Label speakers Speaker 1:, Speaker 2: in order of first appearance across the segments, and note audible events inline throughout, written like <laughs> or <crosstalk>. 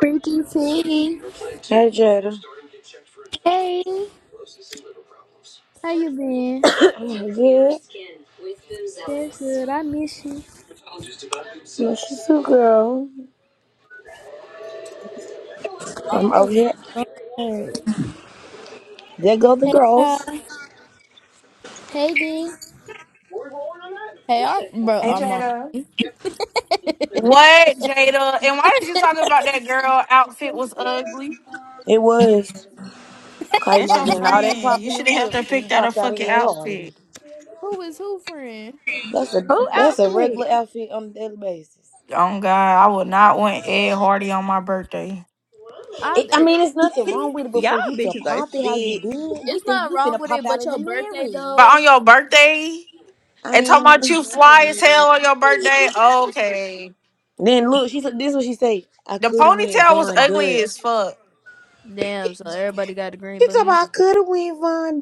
Speaker 1: Freaky T.
Speaker 2: Jada.
Speaker 1: Hey, how you been? That's good. I miss you.
Speaker 2: So girl,
Speaker 1: I'm
Speaker 2: I'm over
Speaker 1: fucking
Speaker 2: here.
Speaker 1: tired.
Speaker 2: There go the
Speaker 1: Uh,
Speaker 2: girls.
Speaker 1: Hey, D. hey, I'm bro.
Speaker 3: Hey
Speaker 1: I'm on.
Speaker 3: Jada.
Speaker 1: <laughs> Who
Speaker 4: What, Jada? And why did you talk about that girl outfit was ugly?
Speaker 2: It was Clay
Speaker 4: That's your
Speaker 2: Monday and all that
Speaker 4: friend. You
Speaker 2: popping
Speaker 4: should
Speaker 2: them
Speaker 4: have helped her
Speaker 2: lips, and
Speaker 4: pick
Speaker 2: you
Speaker 4: out a
Speaker 2: popped out of
Speaker 4: fucking
Speaker 2: Ed Hardy.
Speaker 4: outfit.
Speaker 1: is who friend?
Speaker 2: That's a
Speaker 5: Who
Speaker 2: that's a
Speaker 5: outfit?
Speaker 2: regular outfit on a daily basis.
Speaker 4: Oh God, I would not want Ed Hardy on my birthday.
Speaker 1: I.
Speaker 2: It, I
Speaker 1: It,
Speaker 2: mean, it's nothing wrong with it, but
Speaker 5: Y'all
Speaker 2: for you to
Speaker 5: bitches are
Speaker 2: pop it how you
Speaker 5: sick.
Speaker 2: did, we
Speaker 1: it's
Speaker 2: think
Speaker 1: not
Speaker 2: you
Speaker 1: wrong
Speaker 2: finna
Speaker 1: with
Speaker 2: pop
Speaker 1: it,
Speaker 2: out
Speaker 1: but
Speaker 2: in the
Speaker 1: your birthday
Speaker 2: Marys.
Speaker 4: But on
Speaker 1: though.
Speaker 4: your birthday?
Speaker 2: I
Speaker 4: And talking about
Speaker 2: mean,
Speaker 4: you fly as hell on your birthday? Okay.
Speaker 2: <laughs> then look, she said this is what she say. I
Speaker 4: The
Speaker 2: could have went
Speaker 4: ponytail was
Speaker 2: Von Dutch.
Speaker 4: ugly as fuck.
Speaker 1: Damn. So everybody got a green
Speaker 2: She
Speaker 1: but
Speaker 2: talking
Speaker 1: me.
Speaker 2: about I could have went Von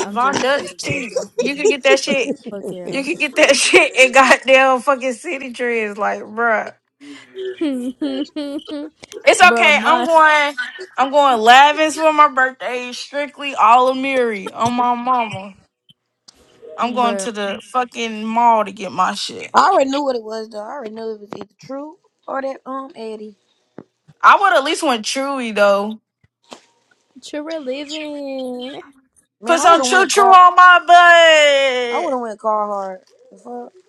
Speaker 1: I'm
Speaker 4: Von
Speaker 1: just gonna get
Speaker 4: Dutch
Speaker 1: a little
Speaker 4: cheap. You
Speaker 1: duckling.
Speaker 4: could get that
Speaker 1: What
Speaker 4: shit.
Speaker 1: the fuck
Speaker 2: Dutch. <laughs>
Speaker 4: You
Speaker 1: out,
Speaker 4: could get that <laughs> shit in goddamn fucking city trees, like, bruh.
Speaker 1: <laughs>
Speaker 4: It's
Speaker 1: bro?
Speaker 4: okay. I'm
Speaker 1: My
Speaker 4: going. I'm going Lavins for my birthday. Strictly Alamiri on my mama. I'm going
Speaker 1: bro.
Speaker 4: to the fucking mall to get my shit.
Speaker 2: I already knew what it was though. I already knew it was either true or that um Eddie.
Speaker 4: I would at least went Chewy though.
Speaker 1: True religion.
Speaker 2: Man,
Speaker 4: Put
Speaker 2: I would
Speaker 4: some
Speaker 2: have
Speaker 4: choo
Speaker 2: went
Speaker 4: choo
Speaker 2: car.
Speaker 4: on my
Speaker 2: I would
Speaker 4: butt.
Speaker 2: have went car hard. The fuck. <laughs>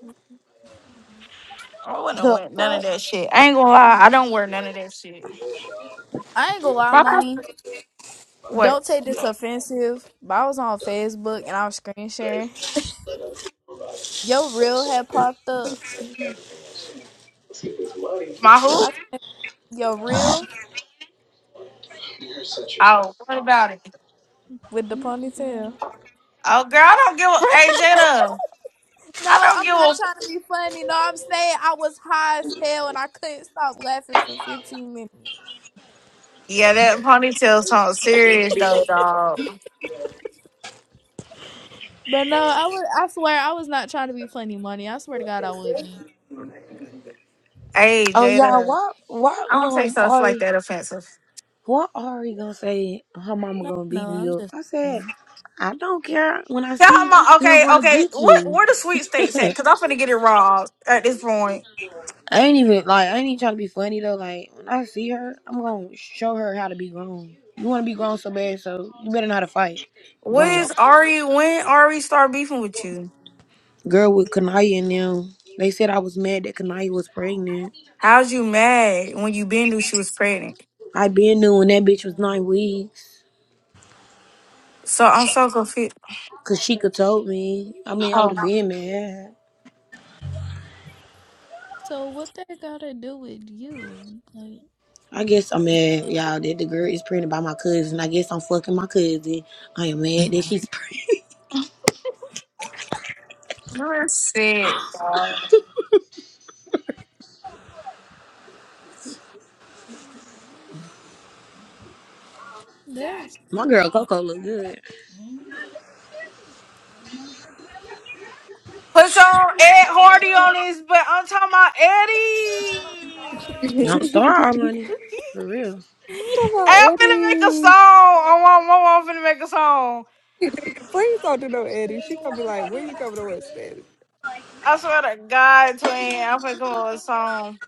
Speaker 4: I wouldn't have
Speaker 2: The
Speaker 4: went none of
Speaker 2: fuck.
Speaker 4: that shit. I ain't gonna lie. I don't wear none of that shit.
Speaker 1: I ain't gonna lie,
Speaker 4: My sis-
Speaker 1: money.
Speaker 4: what?
Speaker 1: Don't take this offensive, but I was on Facebook and I was screen sharing. Your reel had popped up.
Speaker 4: My
Speaker 1: I
Speaker 4: who?
Speaker 1: can't, your reel
Speaker 4: Oh, what about it?
Speaker 1: with the ponytail.
Speaker 4: Oh, girl, I don't give
Speaker 1: <laughs>
Speaker 4: a. Hey, Jada, I
Speaker 1: No,
Speaker 4: don't
Speaker 1: I'm
Speaker 4: give
Speaker 1: not
Speaker 4: a.
Speaker 1: trying to be funny. No, I'm saying I was high as hell and I couldn't stop laughing for 15 minutes.
Speaker 4: Yeah, that ponytail sounds serious
Speaker 1: <laughs>
Speaker 4: though, dog.
Speaker 1: But no, I was. I swear I was not trying to be funny, money. I swear to God, I wasn't.
Speaker 4: Hey,
Speaker 2: Oh y'all,
Speaker 4: Jada.
Speaker 2: why why
Speaker 4: I don't say
Speaker 2: um
Speaker 4: stuff like
Speaker 2: Ari?
Speaker 4: that offensive.
Speaker 2: Why Ari gonna say her mama
Speaker 1: No,
Speaker 2: gonna beat
Speaker 1: no,
Speaker 2: me
Speaker 1: I'm
Speaker 2: up?
Speaker 1: just.
Speaker 2: I said
Speaker 1: Kidding.
Speaker 2: I don't care. When I
Speaker 4: Tell
Speaker 2: see
Speaker 4: her
Speaker 2: you, I'm
Speaker 4: mom.
Speaker 2: still
Speaker 4: Okay,
Speaker 2: gonna
Speaker 4: okay.
Speaker 2: get
Speaker 4: What?
Speaker 2: you.
Speaker 4: Where the sweet
Speaker 2: <laughs>
Speaker 4: states at? Because
Speaker 2: I
Speaker 4: I'm finna get it raw at this point.
Speaker 2: ain't even like I ain't even trying to be funny though. Like when I see her, I'm gonna show her how to be grown. You want to be grown so bad, so you better know how to fight.
Speaker 4: What
Speaker 1: Which
Speaker 2: Grown.
Speaker 4: is Ari? When Ari start beefing with you?
Speaker 2: girl with Kanaya and them. They said I was mad that Kanaya was pregnant.
Speaker 4: How's you mad when you been knew she was pregnant?
Speaker 2: I been knew when that bitch was nine weeks.
Speaker 4: So I'm so confused.
Speaker 2: Cause she could told me. I mean, I would
Speaker 4: Oh,
Speaker 2: have been mad.
Speaker 1: so what that gotta do with you? Like
Speaker 2: I guess I'm mad, y'all, that the girl is pregnant by my cousin. I guess I'm fucking my cousin. I am mad that she's <laughs> pregnant.
Speaker 4: you're sick. dog.
Speaker 1: there's.
Speaker 2: My girl Coco look good.
Speaker 4: Put some Ed Hardy on <laughs> this, but I'm talking about Eddie.
Speaker 3: <laughs>
Speaker 2: Don't starve our money.
Speaker 4: <laughs>
Speaker 2: For real.
Speaker 1: <laughs>
Speaker 3: Talk about
Speaker 4: Hey, I'm finna make a song.
Speaker 3: Eddie.
Speaker 4: I'm, I'm, I'm finna make a song.
Speaker 3: <laughs> Please don't do no Eddie. She gonna be like, when you coming to West End?
Speaker 4: I swear to God, twin, I'm finna come up with a song.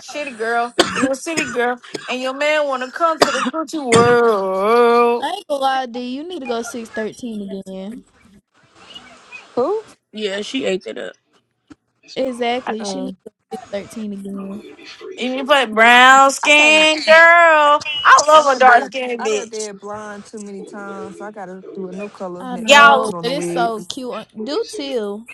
Speaker 4: Shitty girl, you a city girl, and your man wanna come to the coochie
Speaker 1: I
Speaker 4: world.
Speaker 1: ain't gonna lie, D. You need to go six thirteen again.
Speaker 3: Who?
Speaker 2: Yeah, she ate that up.
Speaker 4: And
Speaker 1: Exactly. She
Speaker 3: Uh,
Speaker 1: needs to go six thirteen again.
Speaker 4: you play brown
Speaker 3: I can't.
Speaker 4: skin girl. I
Speaker 3: I
Speaker 4: love a
Speaker 3: done
Speaker 4: dark
Speaker 3: did.
Speaker 4: skinned
Speaker 3: I done
Speaker 4: bitch.
Speaker 3: did blonde too many times, so I gotta do a new color
Speaker 1: I
Speaker 3: next time I
Speaker 4: Y'all,
Speaker 1: know,
Speaker 3: put on
Speaker 1: but
Speaker 3: the
Speaker 1: it's so
Speaker 3: wigs.
Speaker 1: cute. uh, Do too.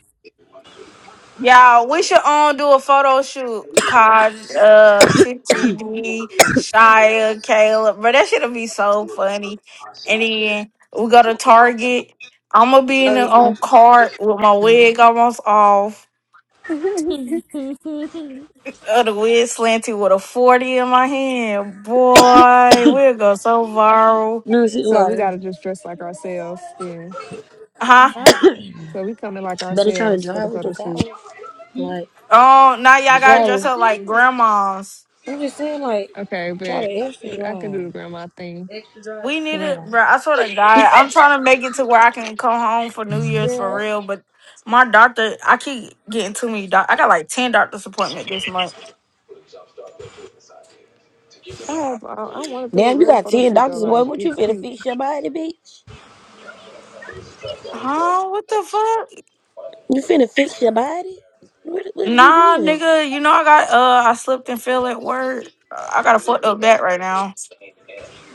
Speaker 4: y'all, we should um do a photo shoot called uh Tipsy D, Shia, Caleb. But that shit'll be so funny. And then we go to Target. I'ma be in the
Speaker 3: Uh,
Speaker 4: on cart with my wig almost off
Speaker 3: <laughs>
Speaker 1: <laughs>
Speaker 4: Oh, the wig slanted with a 40 in my hand. Boy, we'll go so viral.
Speaker 2: No, she
Speaker 3: so we
Speaker 2: lighter.
Speaker 3: gotta just dress like ourselves then.
Speaker 4: Huh?
Speaker 1: I
Speaker 3: So we coming like
Speaker 2: Better try to
Speaker 3: ourselves for the
Speaker 2: drive with the
Speaker 3: photo
Speaker 2: towel.
Speaker 3: shoot.
Speaker 2: Like,
Speaker 4: Oh, now y'all
Speaker 2: the
Speaker 4: gotta dress
Speaker 2: towel.
Speaker 4: up like grandmas.
Speaker 2: I'm just saying, like,
Speaker 3: Okay,
Speaker 2: try to
Speaker 3: but
Speaker 2: extra
Speaker 3: I can do
Speaker 2: drive.
Speaker 3: the grandma thing.
Speaker 4: We need
Speaker 2: Yeah.
Speaker 4: it, bro. I swear to God, I'm trying to make it to where I can come home for New Year's for real. But my doctor, I keep getting too many doc. I got like 10 doctor's appointment this month.
Speaker 3: I have. I, I want to do a
Speaker 2: Damn, you
Speaker 3: real
Speaker 2: got
Speaker 3: photo
Speaker 2: ten
Speaker 3: shoot though.
Speaker 2: doctors, boy.
Speaker 3: Like
Speaker 2: What
Speaker 3: get
Speaker 2: you finna
Speaker 3: cute.
Speaker 2: fix your body, bitch?
Speaker 4: Huh? What the fuck?
Speaker 2: You finna fix your body? What what is he
Speaker 4: Nah,
Speaker 2: doing?
Speaker 4: nigga, you know I got, uh, I slipped and fell at work. I got a fucked up back right now.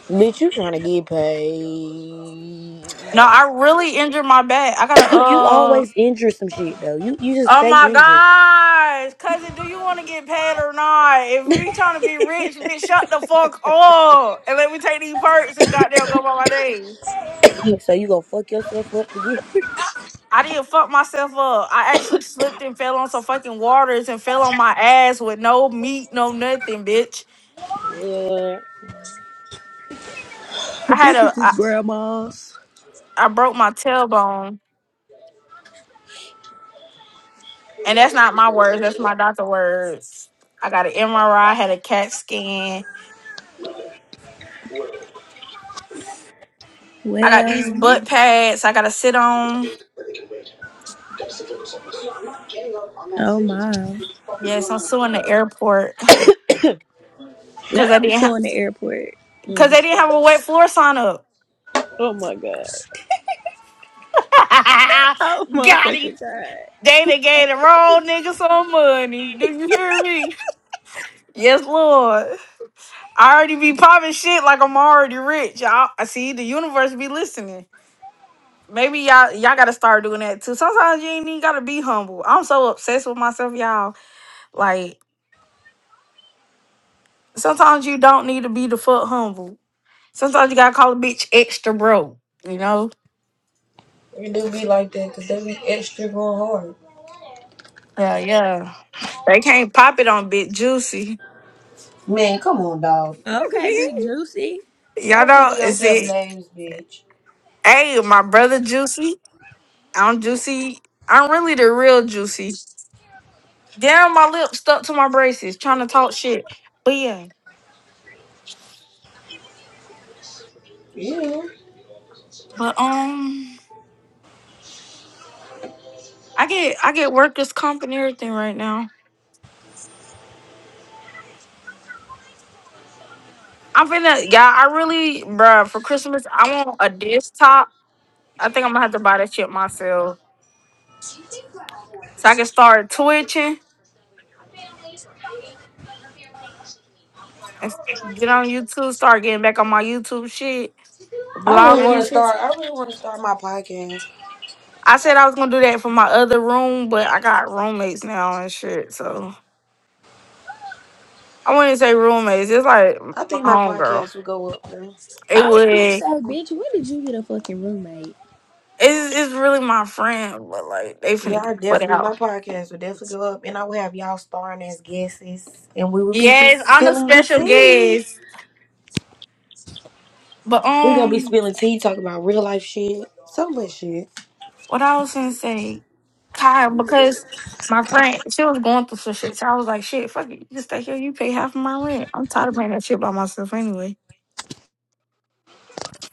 Speaker 2: Bitch, you trying to get paid.
Speaker 4: No, I really injured my back. I got
Speaker 2: <coughs> you
Speaker 4: a,
Speaker 2: always injure some shit though. You you just
Speaker 4: Oh
Speaker 2: stay
Speaker 4: my
Speaker 2: injured.
Speaker 4: gosh, cousin, do you want to get paid or not? If we trying to be rich, bitch, shut the fuck up and let me take these perks and goddamn go about my day.
Speaker 2: <coughs> so you gonna fuck yourself up again. <laughs>
Speaker 4: I didn't fuck myself up. I actually slipped and fell on some fucking waters and fell on my ass with no meat, no nothing, bitch.
Speaker 2: What?
Speaker 5: The
Speaker 4: I had a,
Speaker 5: bitches is
Speaker 4: I,
Speaker 5: grandmas.
Speaker 4: I broke my tailbone, and that's not my words. That's my doctor words. I got an MRI, had a CAT scan. I got these
Speaker 5: Well,
Speaker 4: butt pads I gotta sit on.
Speaker 5: oh my.
Speaker 4: Yes, I'm suing the airport.
Speaker 5: Now
Speaker 4: Cause they
Speaker 5: I'm
Speaker 4: didn't have,
Speaker 5: suing the airport.
Speaker 4: cause they didn't have a wet floor sign up.
Speaker 5: Oh my god. Oh
Speaker 4: <laughs> Got him.
Speaker 5: motherfucking god.
Speaker 4: They done gave the wrong nigga some money. Do you hear me? Yes, Lord. I already be popping shit like I'm already rich. Y'all, I see the universe be listening. Maybe y'all y'all gotta start doing that too. Sometimes you ain't even gotta be humble. I'm so obsessed with myself, y'all. Like sometimes you don't need to be the fuck humble. Sometimes you gotta call a bitch extra broke. You know.
Speaker 2: It-
Speaker 4: Yeah, yeah. They can't pop it on Big Juicy.
Speaker 2: Man, come on, dog.
Speaker 4: <laughs>
Speaker 5: Okay, big juicy.
Speaker 4: Y'all
Speaker 2: Stop
Speaker 4: know,
Speaker 2: giving
Speaker 4: is
Speaker 2: yourself
Speaker 4: it?
Speaker 2: names, bitch.
Speaker 4: Hey, my brother Juicy. I'm Juicy. I'm really the real Juicy. Damn, my lip stuck to my braces, trying to talk shit. But yeah,
Speaker 2: Yeah.
Speaker 4: but um, I get I get workers comp and everything right now. I'm finna, yeah. I really, bruh, for Christmas, I want a desktop. I think I'm gonna have to buy that shit myself, so I can start twitching and s- get on YouTube, start getting back on my YouTube shit.
Speaker 2: I really
Speaker 4: vlogging
Speaker 2: wanna
Speaker 4: and shit.
Speaker 2: start I really wanna start my podcast.
Speaker 4: I said I was gonna do that for my other room, but I got roommates now and shit. So I wouldn't say roommates. It's like
Speaker 2: I
Speaker 4: my
Speaker 2: think my
Speaker 4: homegirl.
Speaker 2: podcast will go up though.
Speaker 5: I
Speaker 4: It would.
Speaker 5: was gonna
Speaker 4: It's
Speaker 5: say, bitch, when did you get a fucking roommate?
Speaker 4: it's really my friend, but like they
Speaker 2: Y'all
Speaker 4: finna get put
Speaker 2: definitely.
Speaker 4: out.
Speaker 2: My podcast will definitely go up, and I will have y'all starring as guests, and we will be
Speaker 4: Yes,
Speaker 2: just
Speaker 4: I'm a
Speaker 2: spilling the
Speaker 4: special
Speaker 2: tea.
Speaker 4: guest. But
Speaker 2: we gonna be
Speaker 4: um,
Speaker 2: spilling tea, talking about real life shit, so much shit.
Speaker 4: what I was gonna say, Kyle, because my friend she was going through some shit, so I was like, shit, fuck it, you just stay here. You pay half of my rent. I'm tired of paying that shit by myself anyway.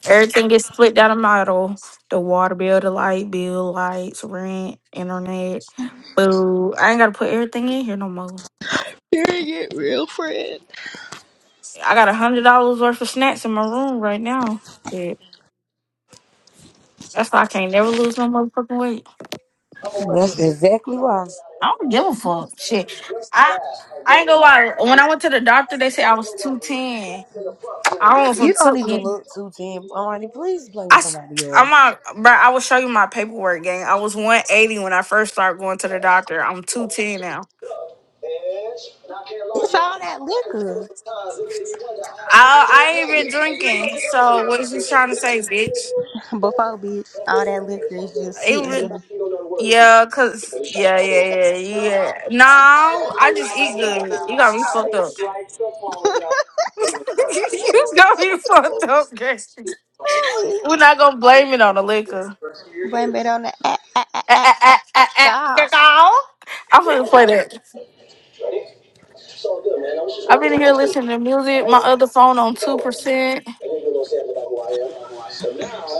Speaker 4: Everything is split down the model. The water bill, the light bill, lights, rent, internet, food. I ain't gotta put everything in here no more.
Speaker 5: Period, real friend.
Speaker 4: I got a hundred dollars worth of snacks in my room right now. Shit. That's why I can't never lose no motherfucking weight.
Speaker 2: That's exactly why.
Speaker 4: I don't give a fuck. Shit. I I ain't gonna lie. When I went to the doctor, they said I was two ten. I was a
Speaker 2: You don't even
Speaker 4: two.
Speaker 2: look too ten. Almighty, please play
Speaker 4: I
Speaker 2: with
Speaker 4: s-
Speaker 2: somebody else.
Speaker 4: I'm not, bro. I will show you my paperwork, gang. I was one eighty when I first started going to the doctor. I'm two ten now.
Speaker 5: It's all that liquor.
Speaker 4: I, I ain't been drinking. So what is you trying to say, bitch?
Speaker 5: Before, bitch, all that liquor is just
Speaker 4: It
Speaker 5: sitting
Speaker 4: was
Speaker 5: there.
Speaker 4: yeah, cause yeah, yeah, yeah, yeah. No, I just eat good. You got me fucked up. <laughs> you got me fucked up, girl.
Speaker 5: Holy.
Speaker 4: We're not gonna blame it on the liquor.
Speaker 5: Blame it on the a- a- a-
Speaker 4: Ah,
Speaker 5: a-
Speaker 4: ah, ah,
Speaker 5: a-
Speaker 4: ah, ah,
Speaker 5: alcohol.
Speaker 4: girl. I'm gonna play that. I've been here listening to music. My other phone on two percent.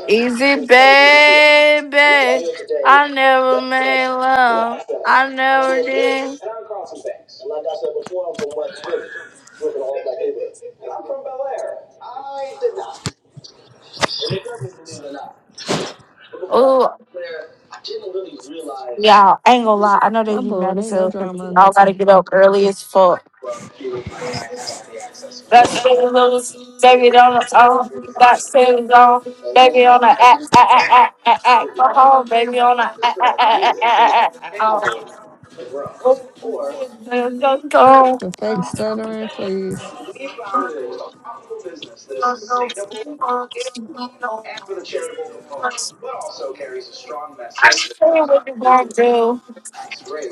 Speaker 4: Easy, baby. I never made love. I never did. Oh, Y'all, I ain't gonna lie. I know they
Speaker 3: I'm
Speaker 4: be mad
Speaker 3: bored.
Speaker 4: as
Speaker 3: Ain't no
Speaker 4: hell because we
Speaker 3: drama or
Speaker 4: all
Speaker 3: nothing.
Speaker 4: gotta get up early as fuck. Got Stevie Lewis, baby on the Oh, got Stevie on, baby on the act, act, act, act, act, act, go home, baby on the act, act, act, act, act, act, act, act, go
Speaker 3: The fake
Speaker 4: home.
Speaker 3: stuttering, please.
Speaker 4: I'm saying what you gonna do.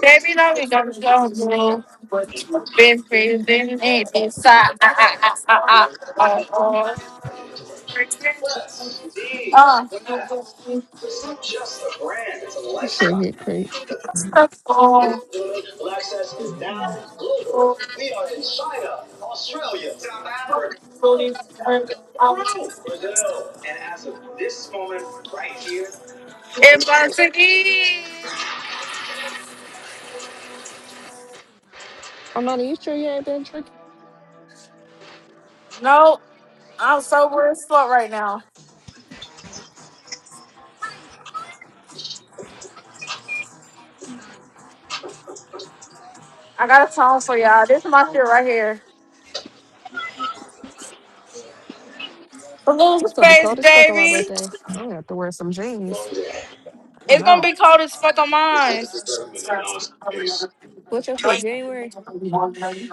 Speaker 4: Baby, know you gonna go do. Been freezing it inside. Ah, ah, ah, ah, ah, ah, ah. Uh,
Speaker 3: This shit hit creep.
Speaker 4: It burns to
Speaker 3: I'm not you sure you ain't been drinking.
Speaker 4: No, I'm sober and slut right now. I got a song for y'all. This is my shit right here. Blues
Speaker 3: It's going be
Speaker 4: face,
Speaker 3: cold as fuck on my
Speaker 4: baby.
Speaker 3: birthday. I'm gonna have to wear some jeans. I don't
Speaker 4: It's gonna
Speaker 3: know.
Speaker 4: be cold as fuck on mine.
Speaker 3: What's your shit? January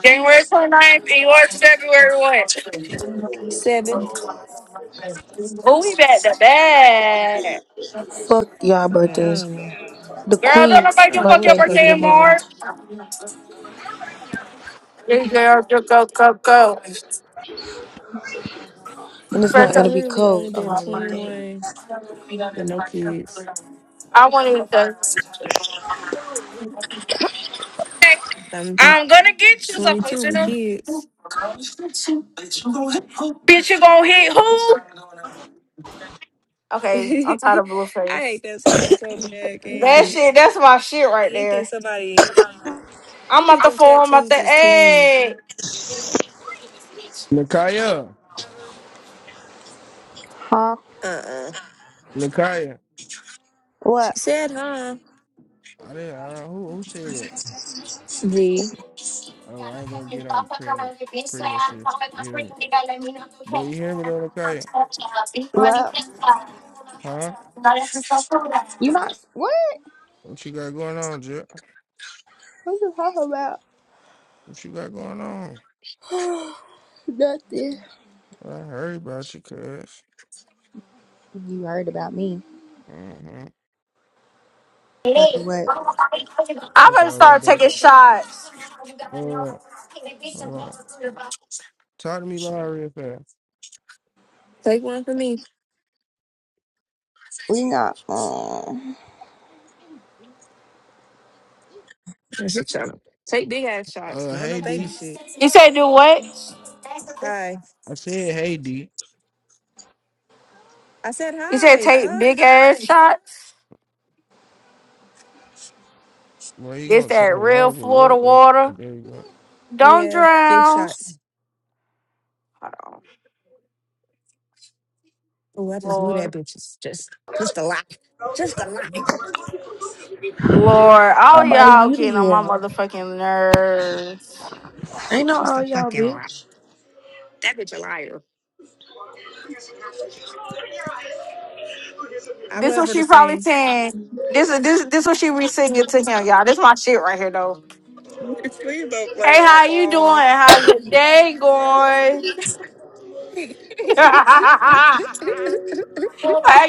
Speaker 4: January 29th and yours February what?
Speaker 3: 7th?
Speaker 4: Ooh, we back to back.
Speaker 2: Fuck y'all
Speaker 3: I
Speaker 2: birthday.
Speaker 3: don't know.
Speaker 2: The
Speaker 4: Girl, don't
Speaker 2: queen's
Speaker 4: nobody
Speaker 3: I
Speaker 4: give a
Speaker 3: don't know
Speaker 4: fuck
Speaker 3: what
Speaker 4: your
Speaker 2: birthday
Speaker 3: the fuck
Speaker 2: is
Speaker 4: birthday
Speaker 3: is
Speaker 2: in
Speaker 4: in
Speaker 2: March,
Speaker 3: giving.
Speaker 4: March. Big girl, go, go, go, go.
Speaker 2: and it's not
Speaker 3: I
Speaker 2: gonna
Speaker 4: Roberta,
Speaker 2: be
Speaker 3: literally
Speaker 2: cold
Speaker 3: only
Speaker 2: on
Speaker 3: been
Speaker 2: my birthday.
Speaker 3: 21 with no kids.
Speaker 4: I wanted the. Okay,
Speaker 3: But I'm gonna be
Speaker 4: I'm gonna get you some
Speaker 3: 22 with kids.
Speaker 4: Bitch, you gonna hit who?
Speaker 3: <laughs>
Speaker 4: Okay, I'm
Speaker 3: I
Speaker 4: tired of Blueface.
Speaker 3: hate that song so bad,
Speaker 2: You
Speaker 4: That
Speaker 2: see,
Speaker 3: gang.
Speaker 4: shit, that's my shit right
Speaker 3: He
Speaker 4: there.
Speaker 3: thinks somebody, he
Speaker 4: I'm at
Speaker 3: think
Speaker 4: the
Speaker 3: them
Speaker 4: four, I'm at the
Speaker 3: tattoos is tea.
Speaker 4: eight.
Speaker 6: Nakaya,
Speaker 5: Huh?
Speaker 3: Uh-uh.
Speaker 6: Nakaya.
Speaker 3: She
Speaker 5: What?
Speaker 3: said, huh?
Speaker 6: I didn't. I, who who said that?
Speaker 3: V.
Speaker 6: Oh, I ain't gonna get on pregnant, pregnant shit. You hear me? But you hear me though, Nakaya?
Speaker 5: What?
Speaker 6: Huh?
Speaker 5: You not what?
Speaker 6: What you got going on, Jeff?
Speaker 5: What you talking about?
Speaker 6: What you got going on?
Speaker 5: <sighs> Nothing.
Speaker 6: I heard about you, cuz.
Speaker 5: You heard about me.
Speaker 6: Mm-hmm.
Speaker 5: Heard what?
Speaker 4: I'm
Speaker 6: Fuck
Speaker 4: gonna
Speaker 6: all that
Speaker 4: start
Speaker 6: though.
Speaker 4: taking shots.
Speaker 6: Uh, hold on. Talk to me live real fast.
Speaker 3: Take one for me.
Speaker 5: We not. Um.
Speaker 3: That's a channel. Take big ass shots.
Speaker 6: Uh,
Speaker 3: No, no
Speaker 6: hey
Speaker 3: baby
Speaker 6: D.
Speaker 3: shit.
Speaker 4: You said do what?
Speaker 3: Hi.
Speaker 6: I said hey D.
Speaker 3: I said
Speaker 4: You said
Speaker 3: hi.
Speaker 4: take
Speaker 3: Fuck.
Speaker 4: big ass shots?
Speaker 6: Well, you
Speaker 4: This
Speaker 6: gonna talk
Speaker 4: that
Speaker 6: live
Speaker 4: real
Speaker 6: or
Speaker 4: Florida
Speaker 6: what? Though?
Speaker 4: water.
Speaker 6: There you go.
Speaker 4: Don't
Speaker 3: Yeah, big
Speaker 4: drown.
Speaker 3: shots. Oh, I just knew
Speaker 4: Hold on.
Speaker 3: that bitch is just just a lie. Just a liar.
Speaker 4: Lord, all
Speaker 2: Almighty,
Speaker 4: y'all
Speaker 2: you
Speaker 4: getting on my
Speaker 2: the up.
Speaker 4: motherfucking nerves.
Speaker 2: Ain't no
Speaker 3: Just
Speaker 2: all
Speaker 3: a
Speaker 2: y'all
Speaker 3: fucking lie.
Speaker 2: bitch.
Speaker 3: That bitch a liar. I
Speaker 4: This
Speaker 3: love
Speaker 4: what
Speaker 3: her to
Speaker 4: she probably
Speaker 3: sing.
Speaker 4: saying. This is this this what she re-singing to him, y'all. This my shit right here though.
Speaker 3: <laughs> Please don't play
Speaker 4: Hey,
Speaker 3: on my
Speaker 4: how you doing?
Speaker 3: phone.
Speaker 4: How's your day going?
Speaker 3: <laughs> he
Speaker 4: <laughs> how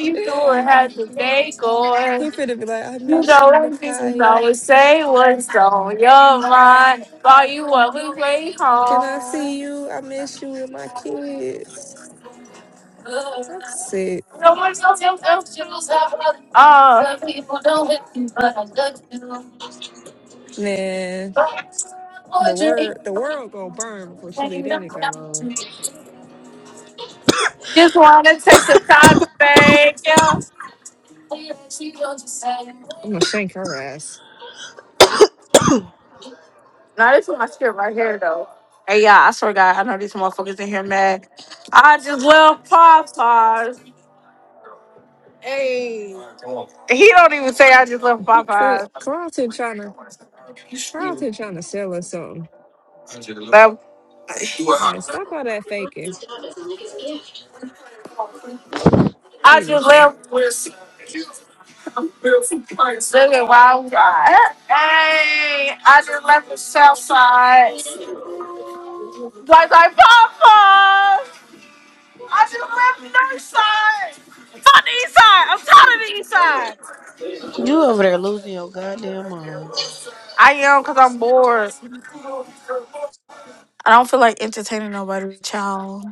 Speaker 4: you doing? How's your day going?
Speaker 3: finna be like, I
Speaker 4: You
Speaker 3: miss
Speaker 4: know
Speaker 3: you,
Speaker 4: them people
Speaker 3: Nakaya.
Speaker 4: always say what's on your mind. Call you on the way
Speaker 3: Can I see
Speaker 4: home.
Speaker 3: you? I miss you and my kids. I'm sick.
Speaker 4: Oh. Some people don't hit you, but I love you.
Speaker 3: Man, the word the world gonna burn before she leave that nigga alone.
Speaker 4: Just want to take some time to thank you.
Speaker 3: I'm gonna shank her ass.
Speaker 4: Now this is my script right here, though. Hey, y'all, I swear to God, I know these motherfuckers in here mad. I just love Popeyes. Hey. He don't even say I just love
Speaker 3: But
Speaker 4: Popeyes.
Speaker 3: Carlton trying to Carlton trying to sell us something.
Speaker 4: Love-
Speaker 3: Like stop all that faking.
Speaker 4: I just
Speaker 3: Seriously.
Speaker 4: love. Look at Wild Ride. Hey, I just left the South Side. Like, like Popeyes. I just left the North Side. Fuck the East Side. I'm tired of the East Side.
Speaker 2: You over there losing your goddamn mind.
Speaker 4: I am because I'm bored. I don't feel like entertaining nobody, child.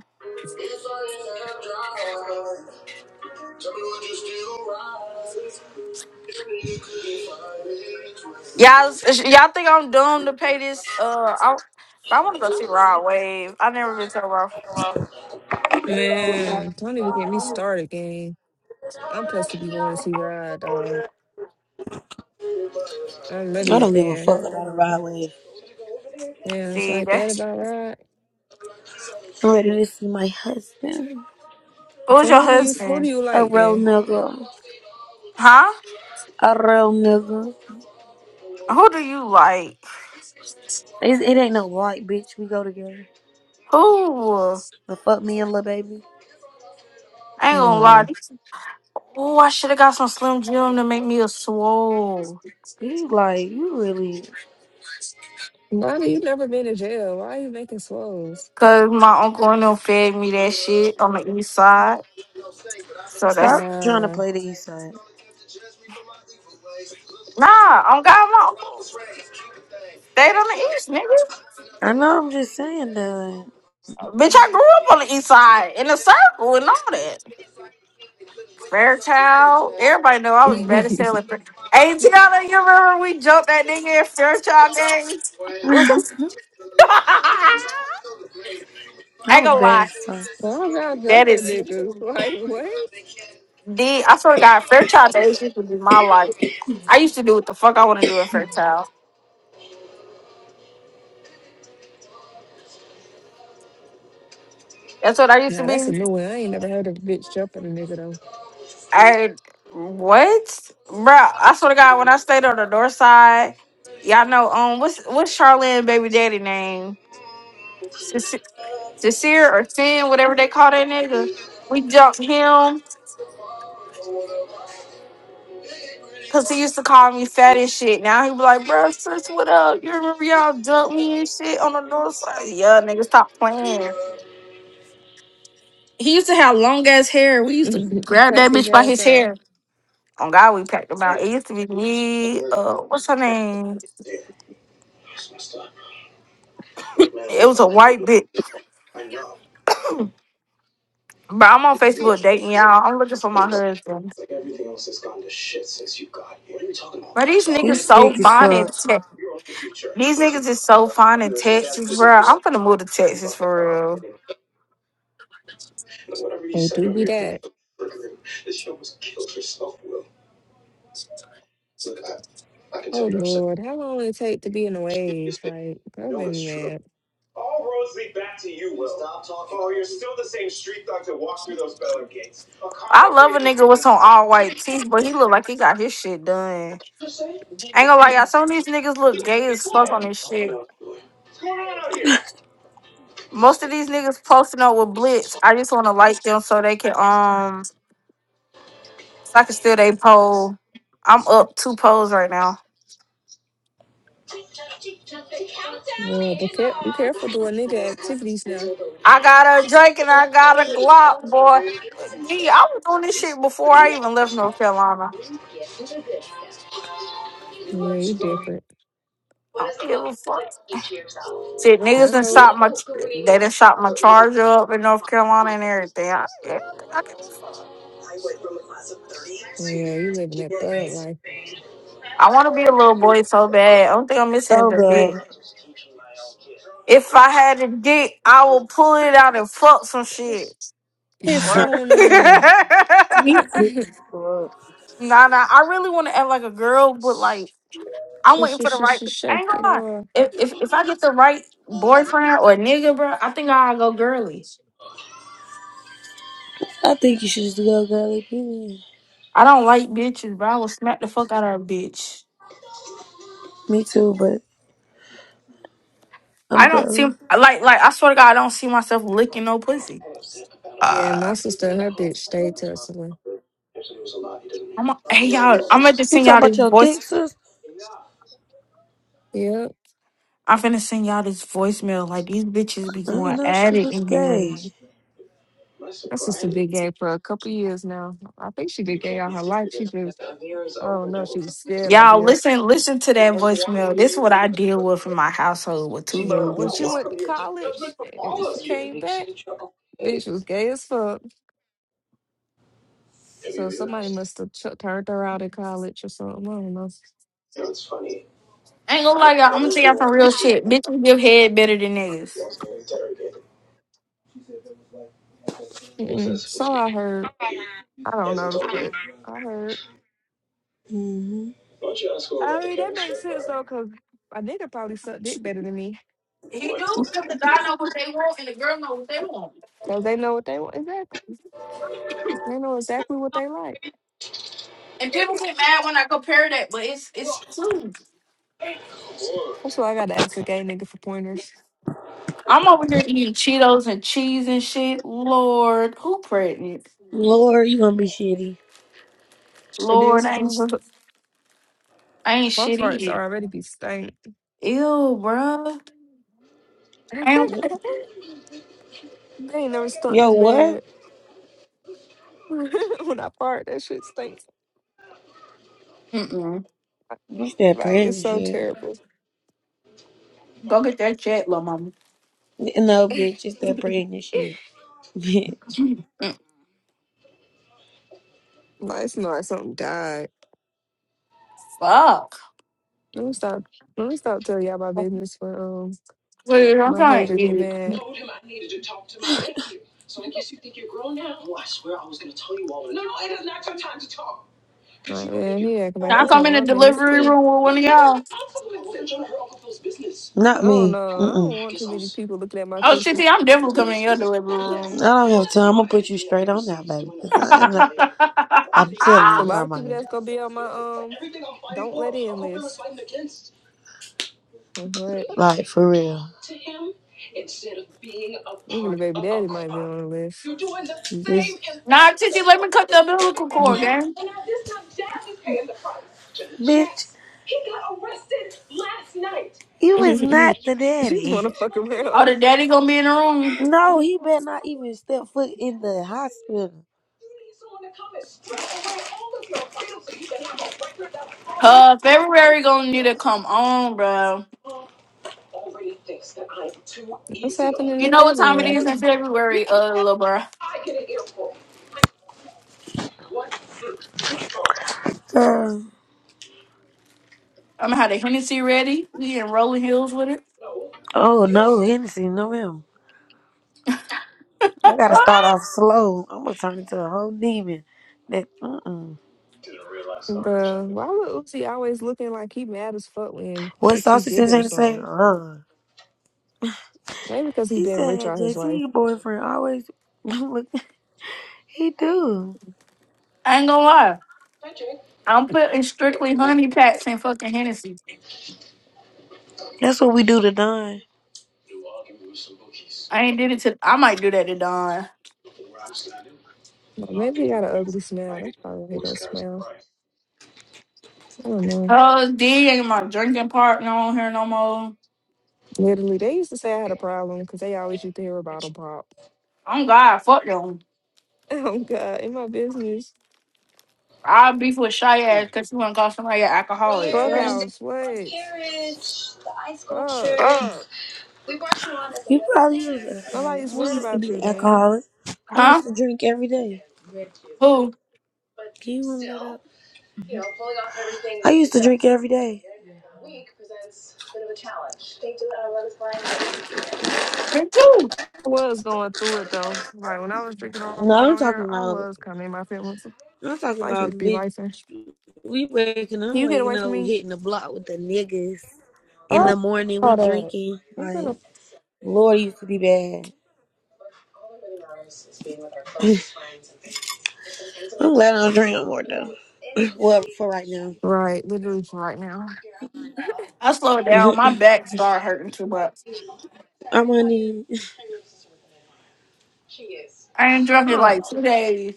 Speaker 4: Y'all, y'all think I'm doomed to pay this? Uh, I, I want to go see Rod Wave. I never been to a Rod.
Speaker 3: Man, don't even get me started, gang. I'm supposed to be going to see Rod, dog. I'm
Speaker 2: I
Speaker 3: really a
Speaker 2: don't give a
Speaker 3: fan.
Speaker 2: fuck about a ride
Speaker 3: Yeah, it's
Speaker 4: See
Speaker 3: like that
Speaker 4: that?
Speaker 3: about Rod.
Speaker 2: I'm ready to see my husband.
Speaker 4: <laughs> Who's
Speaker 3: So
Speaker 4: your
Speaker 3: who do you who do
Speaker 4: husband?
Speaker 3: you
Speaker 2: A
Speaker 3: like
Speaker 2: real
Speaker 3: then?
Speaker 2: nigga.
Speaker 4: Huh?
Speaker 2: A real nigga.
Speaker 4: Who do you like?
Speaker 2: It's, it ain't no like, bitch. We go together.
Speaker 4: Who?
Speaker 2: But fuck me and little baby.
Speaker 4: I ain't gonna lie.
Speaker 3: Wow.
Speaker 4: Oh, I should have got some Slim Jim to make me a swole.
Speaker 2: You like, you really.
Speaker 3: Why do you never been in jail? Why are you making swoles?
Speaker 4: Cause my uncle and them fed me that shit on the east side. So
Speaker 2: Stop
Speaker 4: that's
Speaker 2: trying to
Speaker 3: Wow.
Speaker 2: play the east side.
Speaker 4: nah. I'm got my uncle stayed on the east, nigga.
Speaker 2: I know I'm just saying that.
Speaker 4: Bitch, I grew up on the east side in a circle and all that. Fairchild. Everybody know I was bad
Speaker 3: <laughs>
Speaker 4: as hell at Fairchild. Hey, Tiana, you remember we jumped that nigga at Fairchild games?
Speaker 2: <laughs>
Speaker 4: <laughs> I
Speaker 2: I
Speaker 4: ain't
Speaker 2: was
Speaker 4: gonna
Speaker 2: bad
Speaker 4: lie.
Speaker 2: as fuck.
Speaker 3: Why y'all
Speaker 4: That
Speaker 3: jumping
Speaker 4: is
Speaker 3: niggas? <laughs> Like what?
Speaker 4: D. I swear to God, Fairchild days used to be my life. I used to do what the fuck I want to do in Fairchild. That's what I used to
Speaker 3: Nah, that's a
Speaker 4: be.
Speaker 3: new one. I ain't never heard of a bitch jumping a nigga though.
Speaker 4: I what? Bro, I swear to God, when I stayed on the north side, y'all know um what's what's Charlene baby daddy name? Sincere Sincere or Sin, whatever they call that nigga. We jumped him because he used to call me fat and shit. Now he be like, "Bro, sis, what up? You remember y'all dumped me and shit on the north side? Yeah, nigga, stop playing. He used to have long ass hair. We used to
Speaker 3: <laughs>
Speaker 4: grab
Speaker 3: Crack
Speaker 4: that
Speaker 3: his
Speaker 4: bitch by
Speaker 3: ass
Speaker 4: his
Speaker 3: up.
Speaker 4: hair. On God, we packed him out. It used to be me. Uh, what's her name? It was a white bitch. But I'm on Facebook dating y'all. I'm looking for my husband. But these
Speaker 2: You
Speaker 4: niggas so
Speaker 2: sick as
Speaker 4: fine
Speaker 2: fuck.
Speaker 4: and These niggas is so fine in Texas, bro. I'm finna move to Texas for real.
Speaker 3: Oh, do be that. Oh Lord, how long it take to be in a wave? Like that made me mad.
Speaker 4: I love a nigga with some all white teeth, but he look like he got his shit done. Ain't gonna lie, y'all. Some of these niggas look gay as fuck on this shit. Most of these niggas posting up with blitz. I just wanna like them so they can um so I can steal they pole. I'm up two poles right now.
Speaker 3: Lord, but care- be careful doing nigga activities now.
Speaker 4: I got a drink and I got a Glock, boy. D, I was doing this shit before I even left North Carolina.
Speaker 3: Yeah, you different.
Speaker 4: I don't give a fuck. See, niggas
Speaker 3: I
Speaker 4: done
Speaker 3: know it.
Speaker 4: shot my, they done shot my charger up in North Carolina and everything. I, yeah, I think I give a fuck.
Speaker 3: Oh, yeah, you living that thug life.
Speaker 4: I want to be a little boy so bad. I don't think I'm missing
Speaker 2: So
Speaker 4: is a dick.
Speaker 2: bad.
Speaker 4: If I had a dick, I would pull it out and fuck some
Speaker 3: Piss,
Speaker 4: shit.
Speaker 3: piss
Speaker 4: Word. <laughs> nah,
Speaker 3: on
Speaker 2: You
Speaker 3: them. <laughs>
Speaker 2: sick as fuck.
Speaker 4: nah. I really want to act like a girl, but like I'm
Speaker 3: She,
Speaker 4: waiting
Speaker 3: she,
Speaker 4: for the
Speaker 3: she,
Speaker 4: right.
Speaker 3: she
Speaker 4: I
Speaker 3: shake
Speaker 4: ain't gonna
Speaker 3: it
Speaker 4: lie.
Speaker 3: off.
Speaker 4: If if if I get the right boyfriend or nigga, bro, I think I'll go girly.
Speaker 2: I think you should just go girly. period.
Speaker 4: I don't like bitches, bro. I will smack the fuck out of a bitch.
Speaker 2: Me too, but I'm
Speaker 4: I don't see
Speaker 2: girly.
Speaker 4: like like I swear to God, I don't see myself licking no pussy.
Speaker 3: Yeah, my sister and her bitch stayed tussling.
Speaker 4: I'm a, hey y'all, I'm gonna just
Speaker 2: You
Speaker 4: send
Speaker 2: talk
Speaker 4: y'all
Speaker 2: about
Speaker 4: this
Speaker 2: your
Speaker 4: voice.
Speaker 2: thick sister?
Speaker 3: Yep.
Speaker 4: I'm finna send y'all this voicemail. Like these bitches be
Speaker 2: You
Speaker 4: going
Speaker 2: know,
Speaker 4: at
Speaker 2: she
Speaker 4: it
Speaker 2: was
Speaker 4: in here.
Speaker 2: gay.
Speaker 3: My sister been gay for a couple years now. I think she been gay all her life. She just, I don't know, she was scared, I
Speaker 4: Y'all
Speaker 3: guess.
Speaker 4: listen, listen to that voicemail. This is what I deal with in my household with two gay
Speaker 3: But when she
Speaker 4: bitches.
Speaker 3: went to college and she came back, bitch was gay as fuck. So somebody must have ch- turned her out in college or something. I don't know.
Speaker 4: I ain't gonna lie, y'all. I'm gonna tell y'all some real shit. Bitches give head better than niggas.
Speaker 3: Mm-mm. So I heard. I don't know, but I heard.
Speaker 2: hmm
Speaker 3: I mean, that makes sense though, because a nigga probably suck dick better than me.
Speaker 4: He do because the guy know what they want and the girl know what they want.
Speaker 3: Because they know what they want. Exactly. They know exactly what they like.
Speaker 4: And people get mad when I compare that, but it's it's true.
Speaker 3: That's why I got to ask a gay nigga for pointers.
Speaker 4: I'm over here eating Cheetos and cheese and shit. Lord, who pregnant?
Speaker 2: Lord, you gonna be shitty.
Speaker 3: It
Speaker 4: Lord,
Speaker 3: is.
Speaker 4: I
Speaker 3: <laughs>
Speaker 4: ain't,
Speaker 3: My
Speaker 4: I ain't shit
Speaker 3: farts
Speaker 4: eating.
Speaker 3: are already be stank.
Speaker 4: Ew, bruh.
Speaker 3: <laughs> they
Speaker 4: I ain't.
Speaker 3: ain't never stunk
Speaker 2: Yo,
Speaker 3: this
Speaker 2: what?
Speaker 3: bad. <laughs> when I fart, that shit stinks.
Speaker 4: Mm-mm.
Speaker 2: It's that
Speaker 3: Like, it's
Speaker 2: pregnant
Speaker 3: so
Speaker 2: shit.
Speaker 3: terrible.
Speaker 4: Go get that check, little mama.
Speaker 2: No, bitch, it's
Speaker 3: <laughs>
Speaker 2: that
Speaker 3: like,
Speaker 2: pregnant shit. <laughs> Bitch.
Speaker 4: Mm,
Speaker 3: it's not like something died.
Speaker 4: fuck.
Speaker 3: Let me stop. Let me stop telling y'all my business for um
Speaker 4: Please, I'm
Speaker 3: my
Speaker 4: trying
Speaker 3: hater
Speaker 4: to eat
Speaker 3: get
Speaker 4: it.
Speaker 3: mad. Like, yeah, he acting like
Speaker 4: Can I
Speaker 3: this
Speaker 4: come
Speaker 3: not
Speaker 4: in the
Speaker 3: my business
Speaker 4: delivery
Speaker 3: too.
Speaker 4: room with one of y'all?
Speaker 2: Not
Speaker 3: I don't
Speaker 2: me.
Speaker 3: know. I
Speaker 2: Mm-mm.
Speaker 3: don't want too many people looking at my
Speaker 4: Oh,
Speaker 3: coochie.
Speaker 4: Titi, I'm definitely coming in your delivery
Speaker 2: I
Speaker 4: room.
Speaker 2: don't have time.
Speaker 4: <laughs> nah,
Speaker 2: I'm
Speaker 3: So a
Speaker 2: telling you,
Speaker 3: lot of people
Speaker 2: Armani.
Speaker 3: that's gonna be on my um don't let in list. But
Speaker 2: Like, for real.
Speaker 3: even the baby daddy might be on the list.
Speaker 4: Titi, let me cut the umbilical cord, gang.
Speaker 2: Bitch, you is not the
Speaker 3: <laughs> she just
Speaker 2: daddy.
Speaker 3: wanna fuck
Speaker 4: Oh,
Speaker 3: around.
Speaker 4: the daddy gonna be in the room.
Speaker 2: No, he better not even step foot in the hospital.
Speaker 4: Uh, February gonna need to come on, bro.
Speaker 3: What's happening
Speaker 4: You
Speaker 3: in
Speaker 4: know what time it
Speaker 3: February?
Speaker 4: is in February, uh, little bro.
Speaker 2: Girl.
Speaker 4: I'm gonna have the Hennessy ready. We in Rolling Hills with it.
Speaker 2: Oh, no, Hennessy, no him. I gotta start
Speaker 4: I
Speaker 2: off slow. I'm gonna turn into a whole demon. That, mm-mm.
Speaker 3: Bruh, why would Uzi always looking like he mad as fuck when
Speaker 2: What
Speaker 3: JT
Speaker 2: sausage
Speaker 3: give
Speaker 2: is
Speaker 3: him
Speaker 2: in the same?
Speaker 3: some?
Speaker 2: Uh.
Speaker 3: Maybe because he
Speaker 2: He
Speaker 3: been rich
Speaker 2: said,
Speaker 3: all his
Speaker 2: JC,
Speaker 3: life.
Speaker 2: your boyfriend always <laughs> look, he do.
Speaker 4: ain't gonna lie. I'm putting strictly honey packs in fucking Hennessy.
Speaker 2: That's what we do to Don.
Speaker 4: I ain't did it to. I might do that to Don.
Speaker 3: Or Maybe he got an ugly smile. That's probably why he don't smile. I don't know.
Speaker 4: Cause D ain't my drinking partner on here no more.
Speaker 3: Literally, they used to say I had a problem because they always used to hear about a pop. <laughs>
Speaker 4: I'm God. Fuck them.
Speaker 3: Oh God, in my business,
Speaker 4: I'll beef with shy ass because she wanna call somebody an alcoholic. Girl.
Speaker 3: Clubhouse, what? Fuck,
Speaker 2: an alcoholic. I
Speaker 3: nobody's worried
Speaker 2: used to be
Speaker 3: about
Speaker 2: an
Speaker 3: you, gang.
Speaker 2: alcoholic. I used
Speaker 4: Huh?
Speaker 2: to drink every day.
Speaker 4: Who?
Speaker 2: every day.
Speaker 4: Me too.
Speaker 3: I was going through it though. Like when I was drinking a lot
Speaker 2: No, I'm
Speaker 3: on
Speaker 2: talking
Speaker 3: here, I
Speaker 2: about.
Speaker 3: was kind of in my feelings.
Speaker 2: I'm talking
Speaker 3: Life
Speaker 2: about
Speaker 3: would be
Speaker 2: bitch.
Speaker 3: life. Can
Speaker 2: We waking up,
Speaker 3: you get
Speaker 2: waking
Speaker 3: away from
Speaker 2: up,
Speaker 3: me?
Speaker 2: hitting the block with the niggas in
Speaker 3: Oh,
Speaker 2: the morning. We
Speaker 3: all that.
Speaker 2: drinking.
Speaker 3: It's been a-
Speaker 2: Like Lord, it used to be bad. glad I don't drink no more though.
Speaker 3: right, literally for right now.
Speaker 4: I slowed down. My back started hurting too much. I ain't drunk
Speaker 3: I
Speaker 4: in
Speaker 3: don't,
Speaker 4: like two days.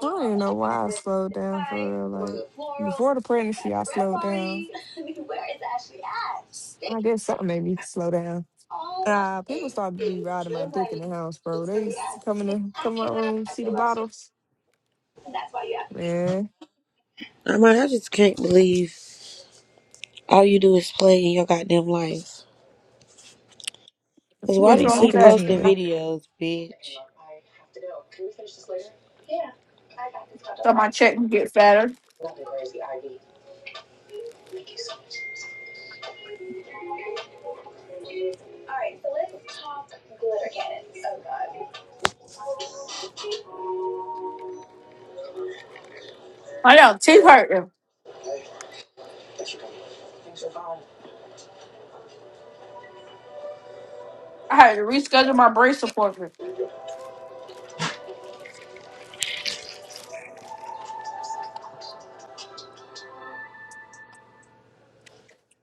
Speaker 3: I don't even know why I slowed down for real. Like before the pregnancy, I slowed down. I guess something made me slow down. Uh, people start to be riding my dick in the house, bro. They s- come in the come in my room, see the bottles. Man,
Speaker 2: I mean, I just can't believe all you do is play in your goddamn life. Cause
Speaker 3: I'm
Speaker 2: why
Speaker 4: What's
Speaker 2: do
Speaker 3: getting
Speaker 2: you
Speaker 4: wrong with
Speaker 3: sick
Speaker 2: keep
Speaker 3: of this
Speaker 4: that?
Speaker 2: posting
Speaker 3: nigga.
Speaker 2: videos, bitch?
Speaker 4: so my check can get fatter. I know, teeth hurting. I had to reschedule my brace appointment.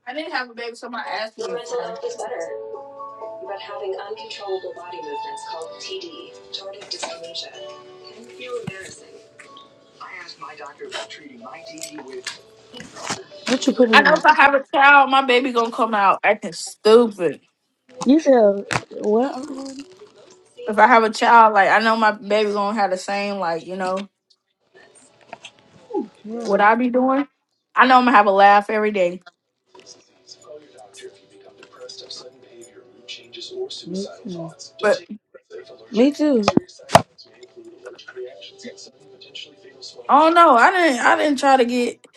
Speaker 4: I didn't have a baby, so my ass can get fatter.
Speaker 2: What you put it
Speaker 4: I know
Speaker 2: on?
Speaker 4: if I have a child, my baby gonna come out acting stupid.
Speaker 2: You said what? um,
Speaker 4: If I have a child, like I know my baby gonna have the same, like you know what I be doing. I know I'm gonna have a laugh every day, but I don't know. I didn't. I didn't try to get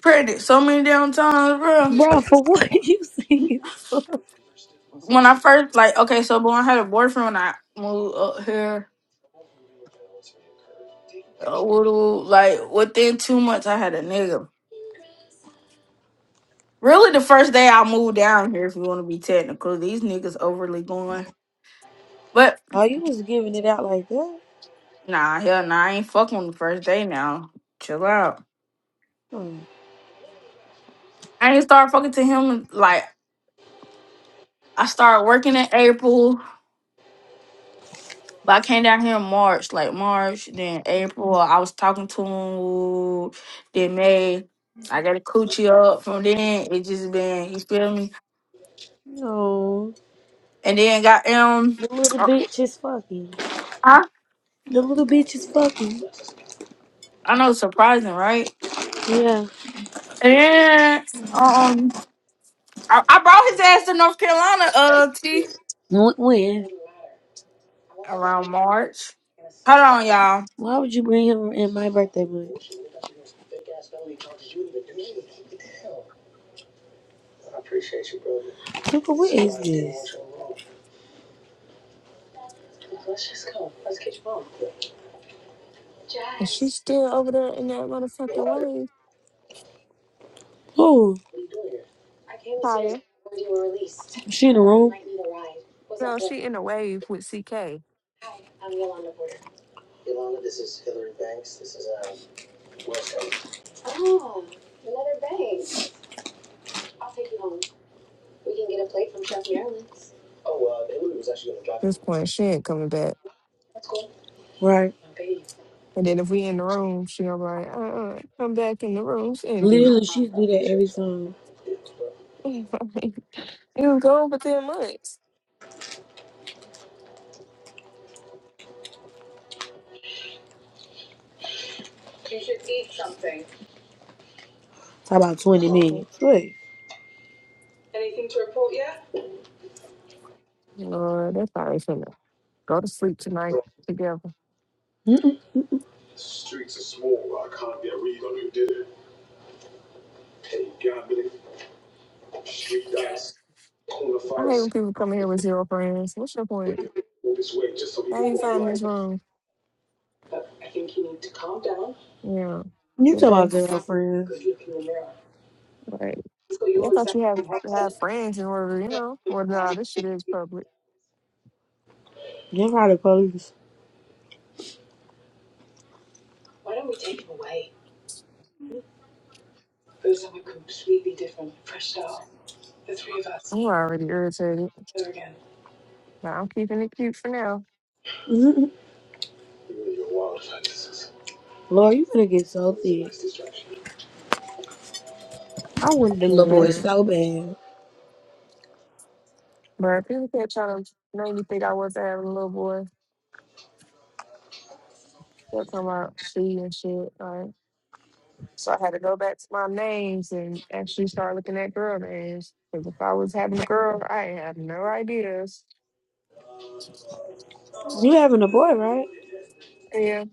Speaker 4: pregnant so many damn times, bro.
Speaker 2: Bro, for <laughs> you?
Speaker 4: When I first, like, okay, so when I had a boyfriend, when I moved up here. a little like within two months I had a nigga. Really the first day I moved down here if you wanna be technical. These niggas overly going. But
Speaker 2: Oh, you was getting like that?
Speaker 4: nah, hell nah, I ain't fucking on the first day now. Chill out. I ain't start fucking to him like I started working in April, but I came down here in March, like March, then April. I was talking to him then May. I got a coochie up from then. It just been you feel me?
Speaker 2: No,
Speaker 4: And then got um
Speaker 2: the little bitch is fucking. The little bitch is fucking.
Speaker 4: I know, it's surprising, right?
Speaker 2: Yeah.
Speaker 4: And um, I, I brought his ass to North Carolina, uh, T,
Speaker 2: Wh- When?
Speaker 4: around March. Hold on, y'all.
Speaker 2: Why would you bring him in my birthday month? Cooper, what is this?
Speaker 3: And she's still over there in that motherfucking wave,
Speaker 2: Oh,
Speaker 3: Kaya.
Speaker 2: she in the room,
Speaker 3: No, she in the wave with CK. At this point, she ain't coming back.
Speaker 2: right?
Speaker 3: And then if we in the room, she gonna be like, uh-uh, come back in the room. She ain't dead.
Speaker 2: Literally, she do that every time.
Speaker 3: <laughs> you was gone for 10 months.
Speaker 2: It's about twenty minutes. Wait,
Speaker 3: Lord, that's probably finna go to sleep tonight together. I hate when people come in here with zero friends. What's your point? How you found this room? Yeah.
Speaker 2: you
Speaker 3: Good
Speaker 2: talking
Speaker 3: day.
Speaker 2: about zero friends?
Speaker 3: Like, yeah, I thought you had have friends in order, you know. Well, nah, this shit is public.
Speaker 2: They are probably police.
Speaker 3: I'm already irritated, but I'm keeping it cute for now.
Speaker 2: Lord, you finna get so thick. I wanted the little
Speaker 3: You
Speaker 2: boy Yeah.
Speaker 3: know?
Speaker 2: so bad.
Speaker 3: But people kept trying to make me think I wasn't having a little boy. They'll come out, she and shit. Like, so I had to go back to my names and actually start looking at girl names. Because if I was having a girl, I had no ideas.
Speaker 2: You having a boy, right?
Speaker 3: Yeah.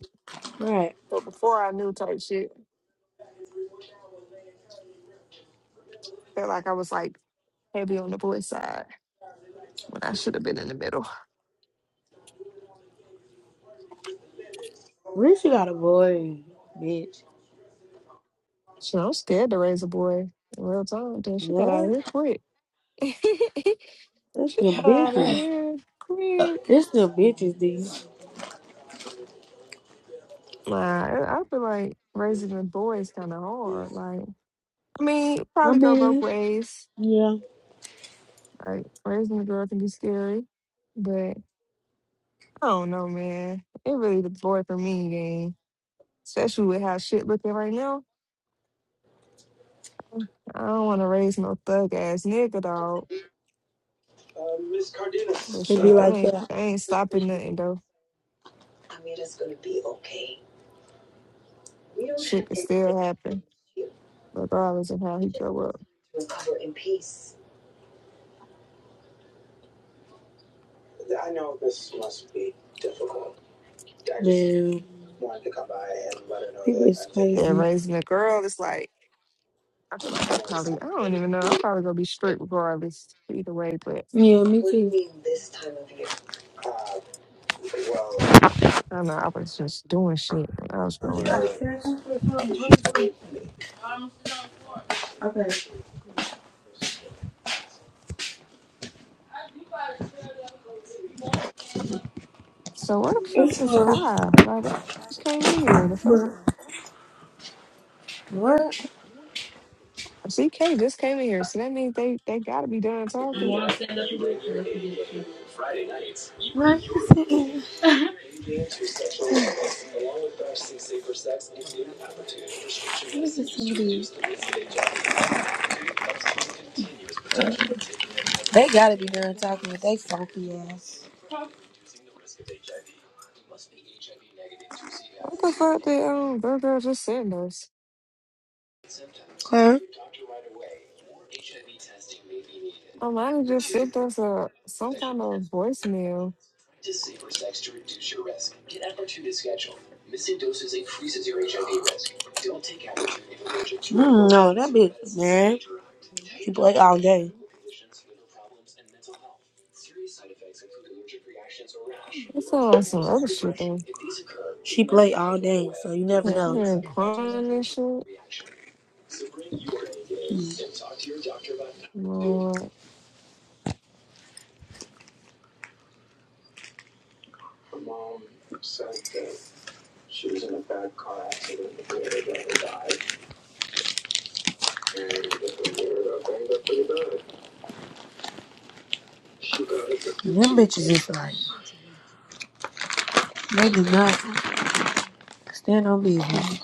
Speaker 2: Right.
Speaker 3: But before I knew type shit, felt like I was like heavy on the boy side when I should have been in the middle.
Speaker 2: Rich got a boy, bitch.
Speaker 3: So I'm scared to raise a boy in real time. Dude, she got out of
Speaker 2: What?
Speaker 3: here quick. <laughs> she
Speaker 2: It's the
Speaker 3: got out of
Speaker 2: bitches.
Speaker 3: here quick.
Speaker 2: It's the bitches, dude.
Speaker 3: Nah, I I feel like raising a boy is kind of hard. Like, I mean, it
Speaker 2: I
Speaker 3: probably go both
Speaker 2: mean,
Speaker 3: ways.
Speaker 2: yeah,
Speaker 3: Like, raising a girl can be scary, but I don't know, man. It really the boy for me, gang. Especially with how shit looking right now. I don't want to raise no thug ass nigga, dog. But shit, that
Speaker 2: What's
Speaker 3: ain't
Speaker 2: up?
Speaker 3: that ain't stopping nothing though. Shit can still happen, regardless of how he grow up. Yeah, raising a girl, it's like I feel like I probably I don't even know. I'm probably gonna be strict regardless either way, but
Speaker 2: Yeah, me
Speaker 3: I don't know, I was just doing shit when I was growing up. So where the fuck is Kai? Like I just came in here. The fuck
Speaker 2: What?
Speaker 3: CK just came in here, so that means they they gotta be done talking.
Speaker 2: What? They gotta be done talking with they funky ass.
Speaker 3: What the fuck did um Bro Girl just send us?
Speaker 2: Huh?
Speaker 3: Alana just sent us a some kind of voicemail.
Speaker 2: No, that bitch, She play all day.
Speaker 3: It's all on some other shit though.
Speaker 2: play day. So you never
Speaker 3: Yeah, I'm
Speaker 2: know.
Speaker 3: hearing crying and shit. Lord.
Speaker 2: It's like, maybe not. Stand on business.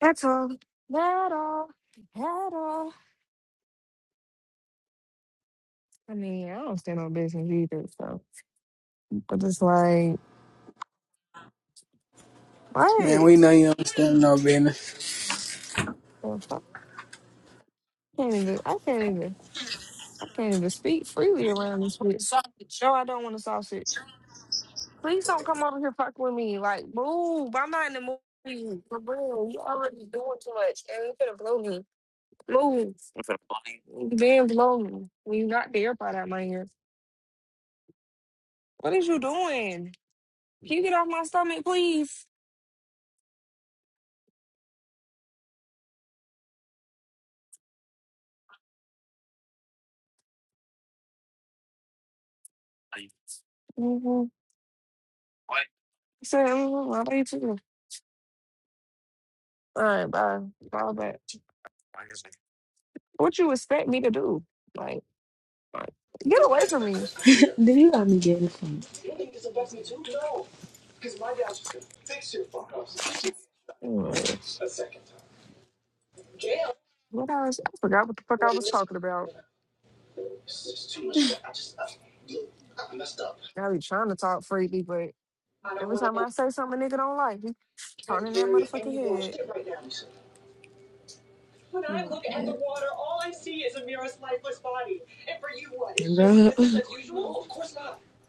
Speaker 3: That's all. That all. That all. I mean, I don't stand on business either, so but it's like
Speaker 7: Man, we
Speaker 3: what?
Speaker 7: know you don't stand no business.
Speaker 3: The fuck? I can't even I can't even I can't even speak freely around this bitch. Sausage? No, I don't want a sausage. Please don't come over here fuck with me. Like, move. I'm not in the mood. for you. real. You already doing too much. And you could have blown me. Move. Then blow me. When you not there, by that, my here. What is you doing? Can you get off my stomach, please? Mm-hmm. Say, mm-hmm. I love you too. All right, bye. Bye back. What you expect me to do? Like, like get away from me.
Speaker 2: Dude, you got me getting some.
Speaker 3: Anyways, what I was, I forgot what the fuck I was talking about. I be trying to talk freely, but Every time I say something a nigga don't like, he turning that motherfucking head.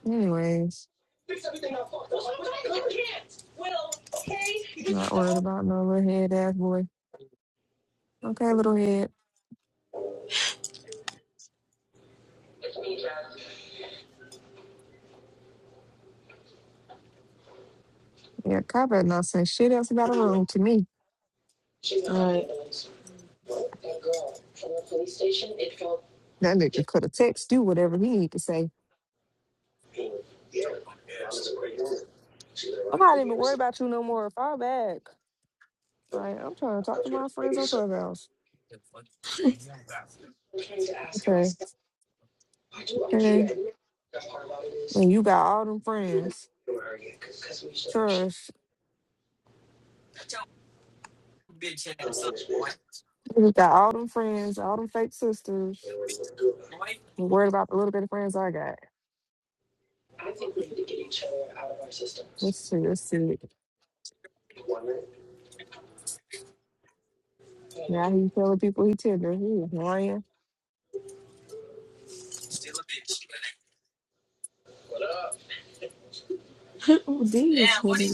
Speaker 3: Anyways, not worried about no little head ass boy. Okay, little head. Yeah, cop had not saying shit else about the room to me. That nigga could have text you whatever he need to say. I'm not even worried about you no more. Fall back. Like, I'm trying to talk to my friends on Clubhouse. Okay. Okay. And you got all them friends. Trust. You got all them friends, all them fake sisters. You worried about the little bit of friends I got. Let's see. Let's see. Now he's telling people he tender. He is lying.
Speaker 2: Dude is funny.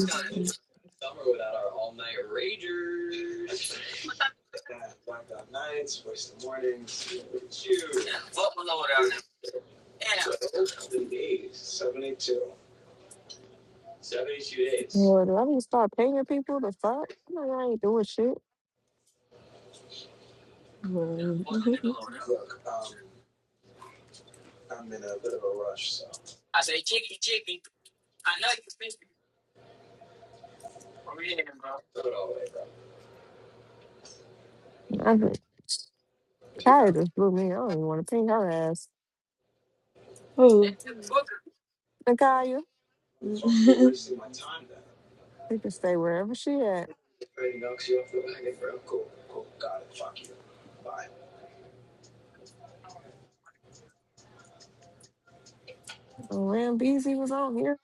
Speaker 3: Well, do I need to start paying people to fuck? I, mean, I ain't doing shit. I just, Kaya just blew me. I don't even want to ping her ass.
Speaker 2: Oh,
Speaker 3: Nakaya, they can stay wherever she at. And Ram Beasley was on here.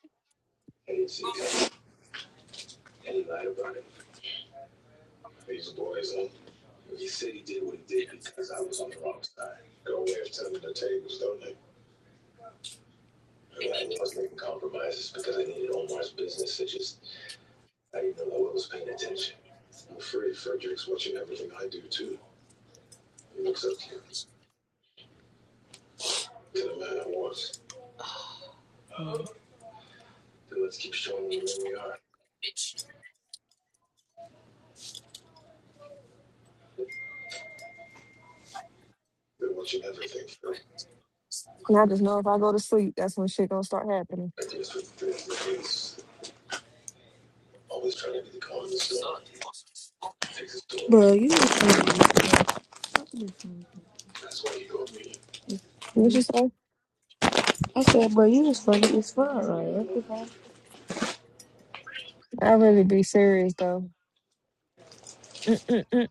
Speaker 3: And I just know if I go to sleep, that's when shit gonna start happening.
Speaker 2: bro, you was funny to
Speaker 3: What you
Speaker 2: me.
Speaker 3: say?
Speaker 2: I said, bro, you was funny. It's fine, right? That's the problem.
Speaker 3: I really be serious though. Mm-mm-mm.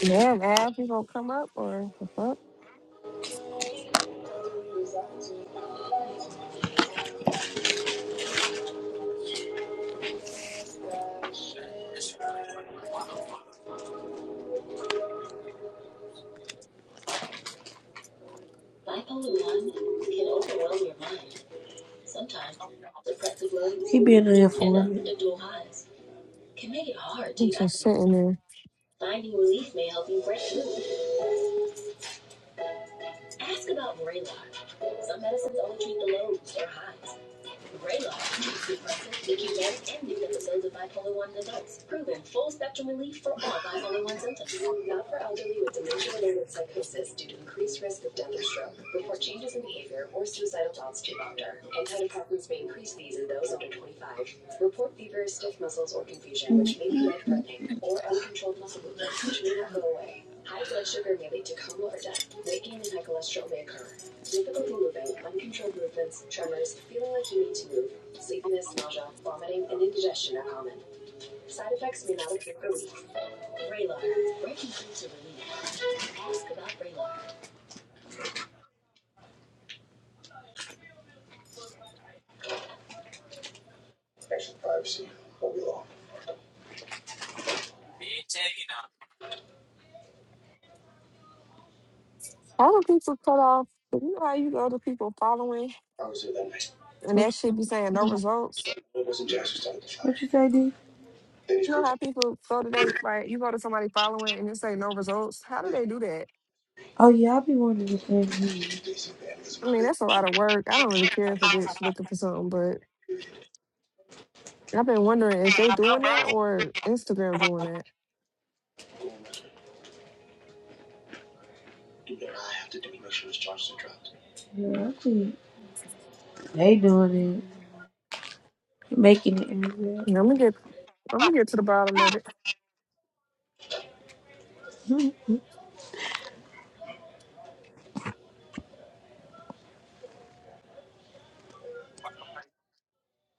Speaker 3: Damn, Ab, you gonna come up or the fuck?
Speaker 2: being
Speaker 3: I'm just sitting there. How do people cut off? You know how you go to people following and that shit be saying no results?
Speaker 2: you say, dude?
Speaker 3: You know how people go to they like you go to somebody following and it say no results? How do they do that?
Speaker 2: Oh, you wanted to say me.
Speaker 3: I mean, that's a lot of work. I don't really care if a bitch looking for something, but I've been wondering if they doing that or Instagram doing that.
Speaker 2: Yeah, I think they doing it. Making it. angry.
Speaker 3: And I'm gonna get I'm gonna get to the bottom of it.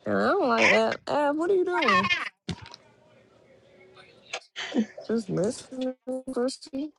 Speaker 3: And I don't like Ab, Ab, what are you doing? Just listening, Christy.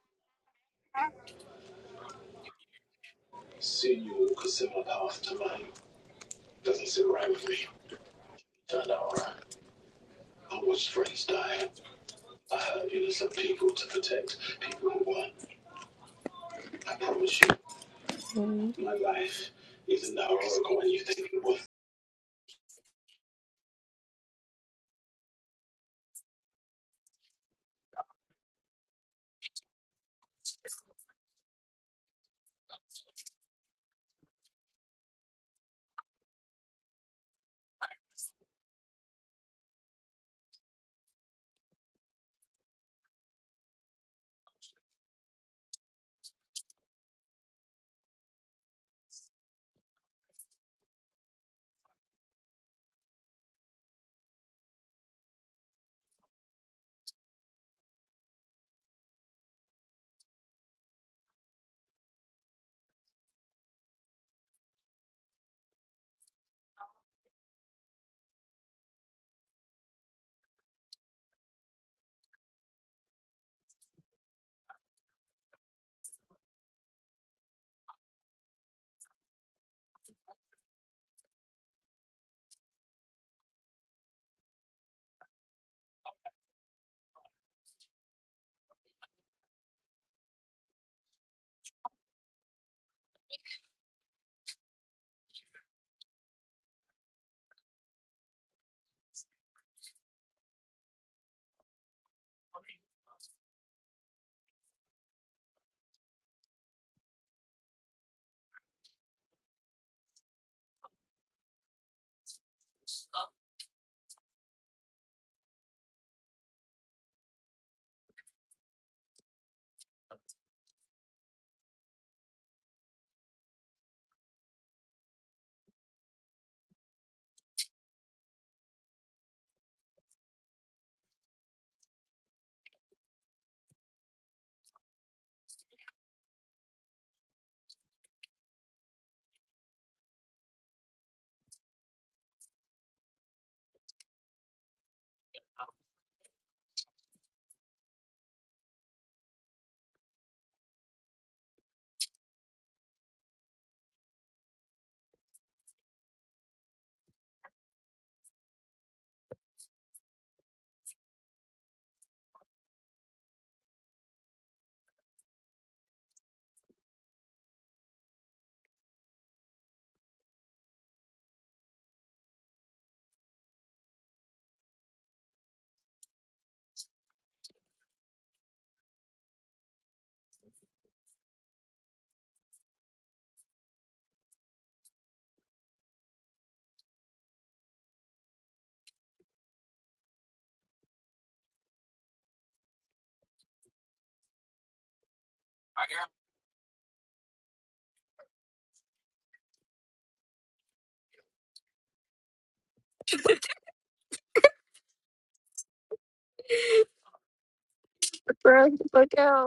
Speaker 3: <laughs> Bruh, look out.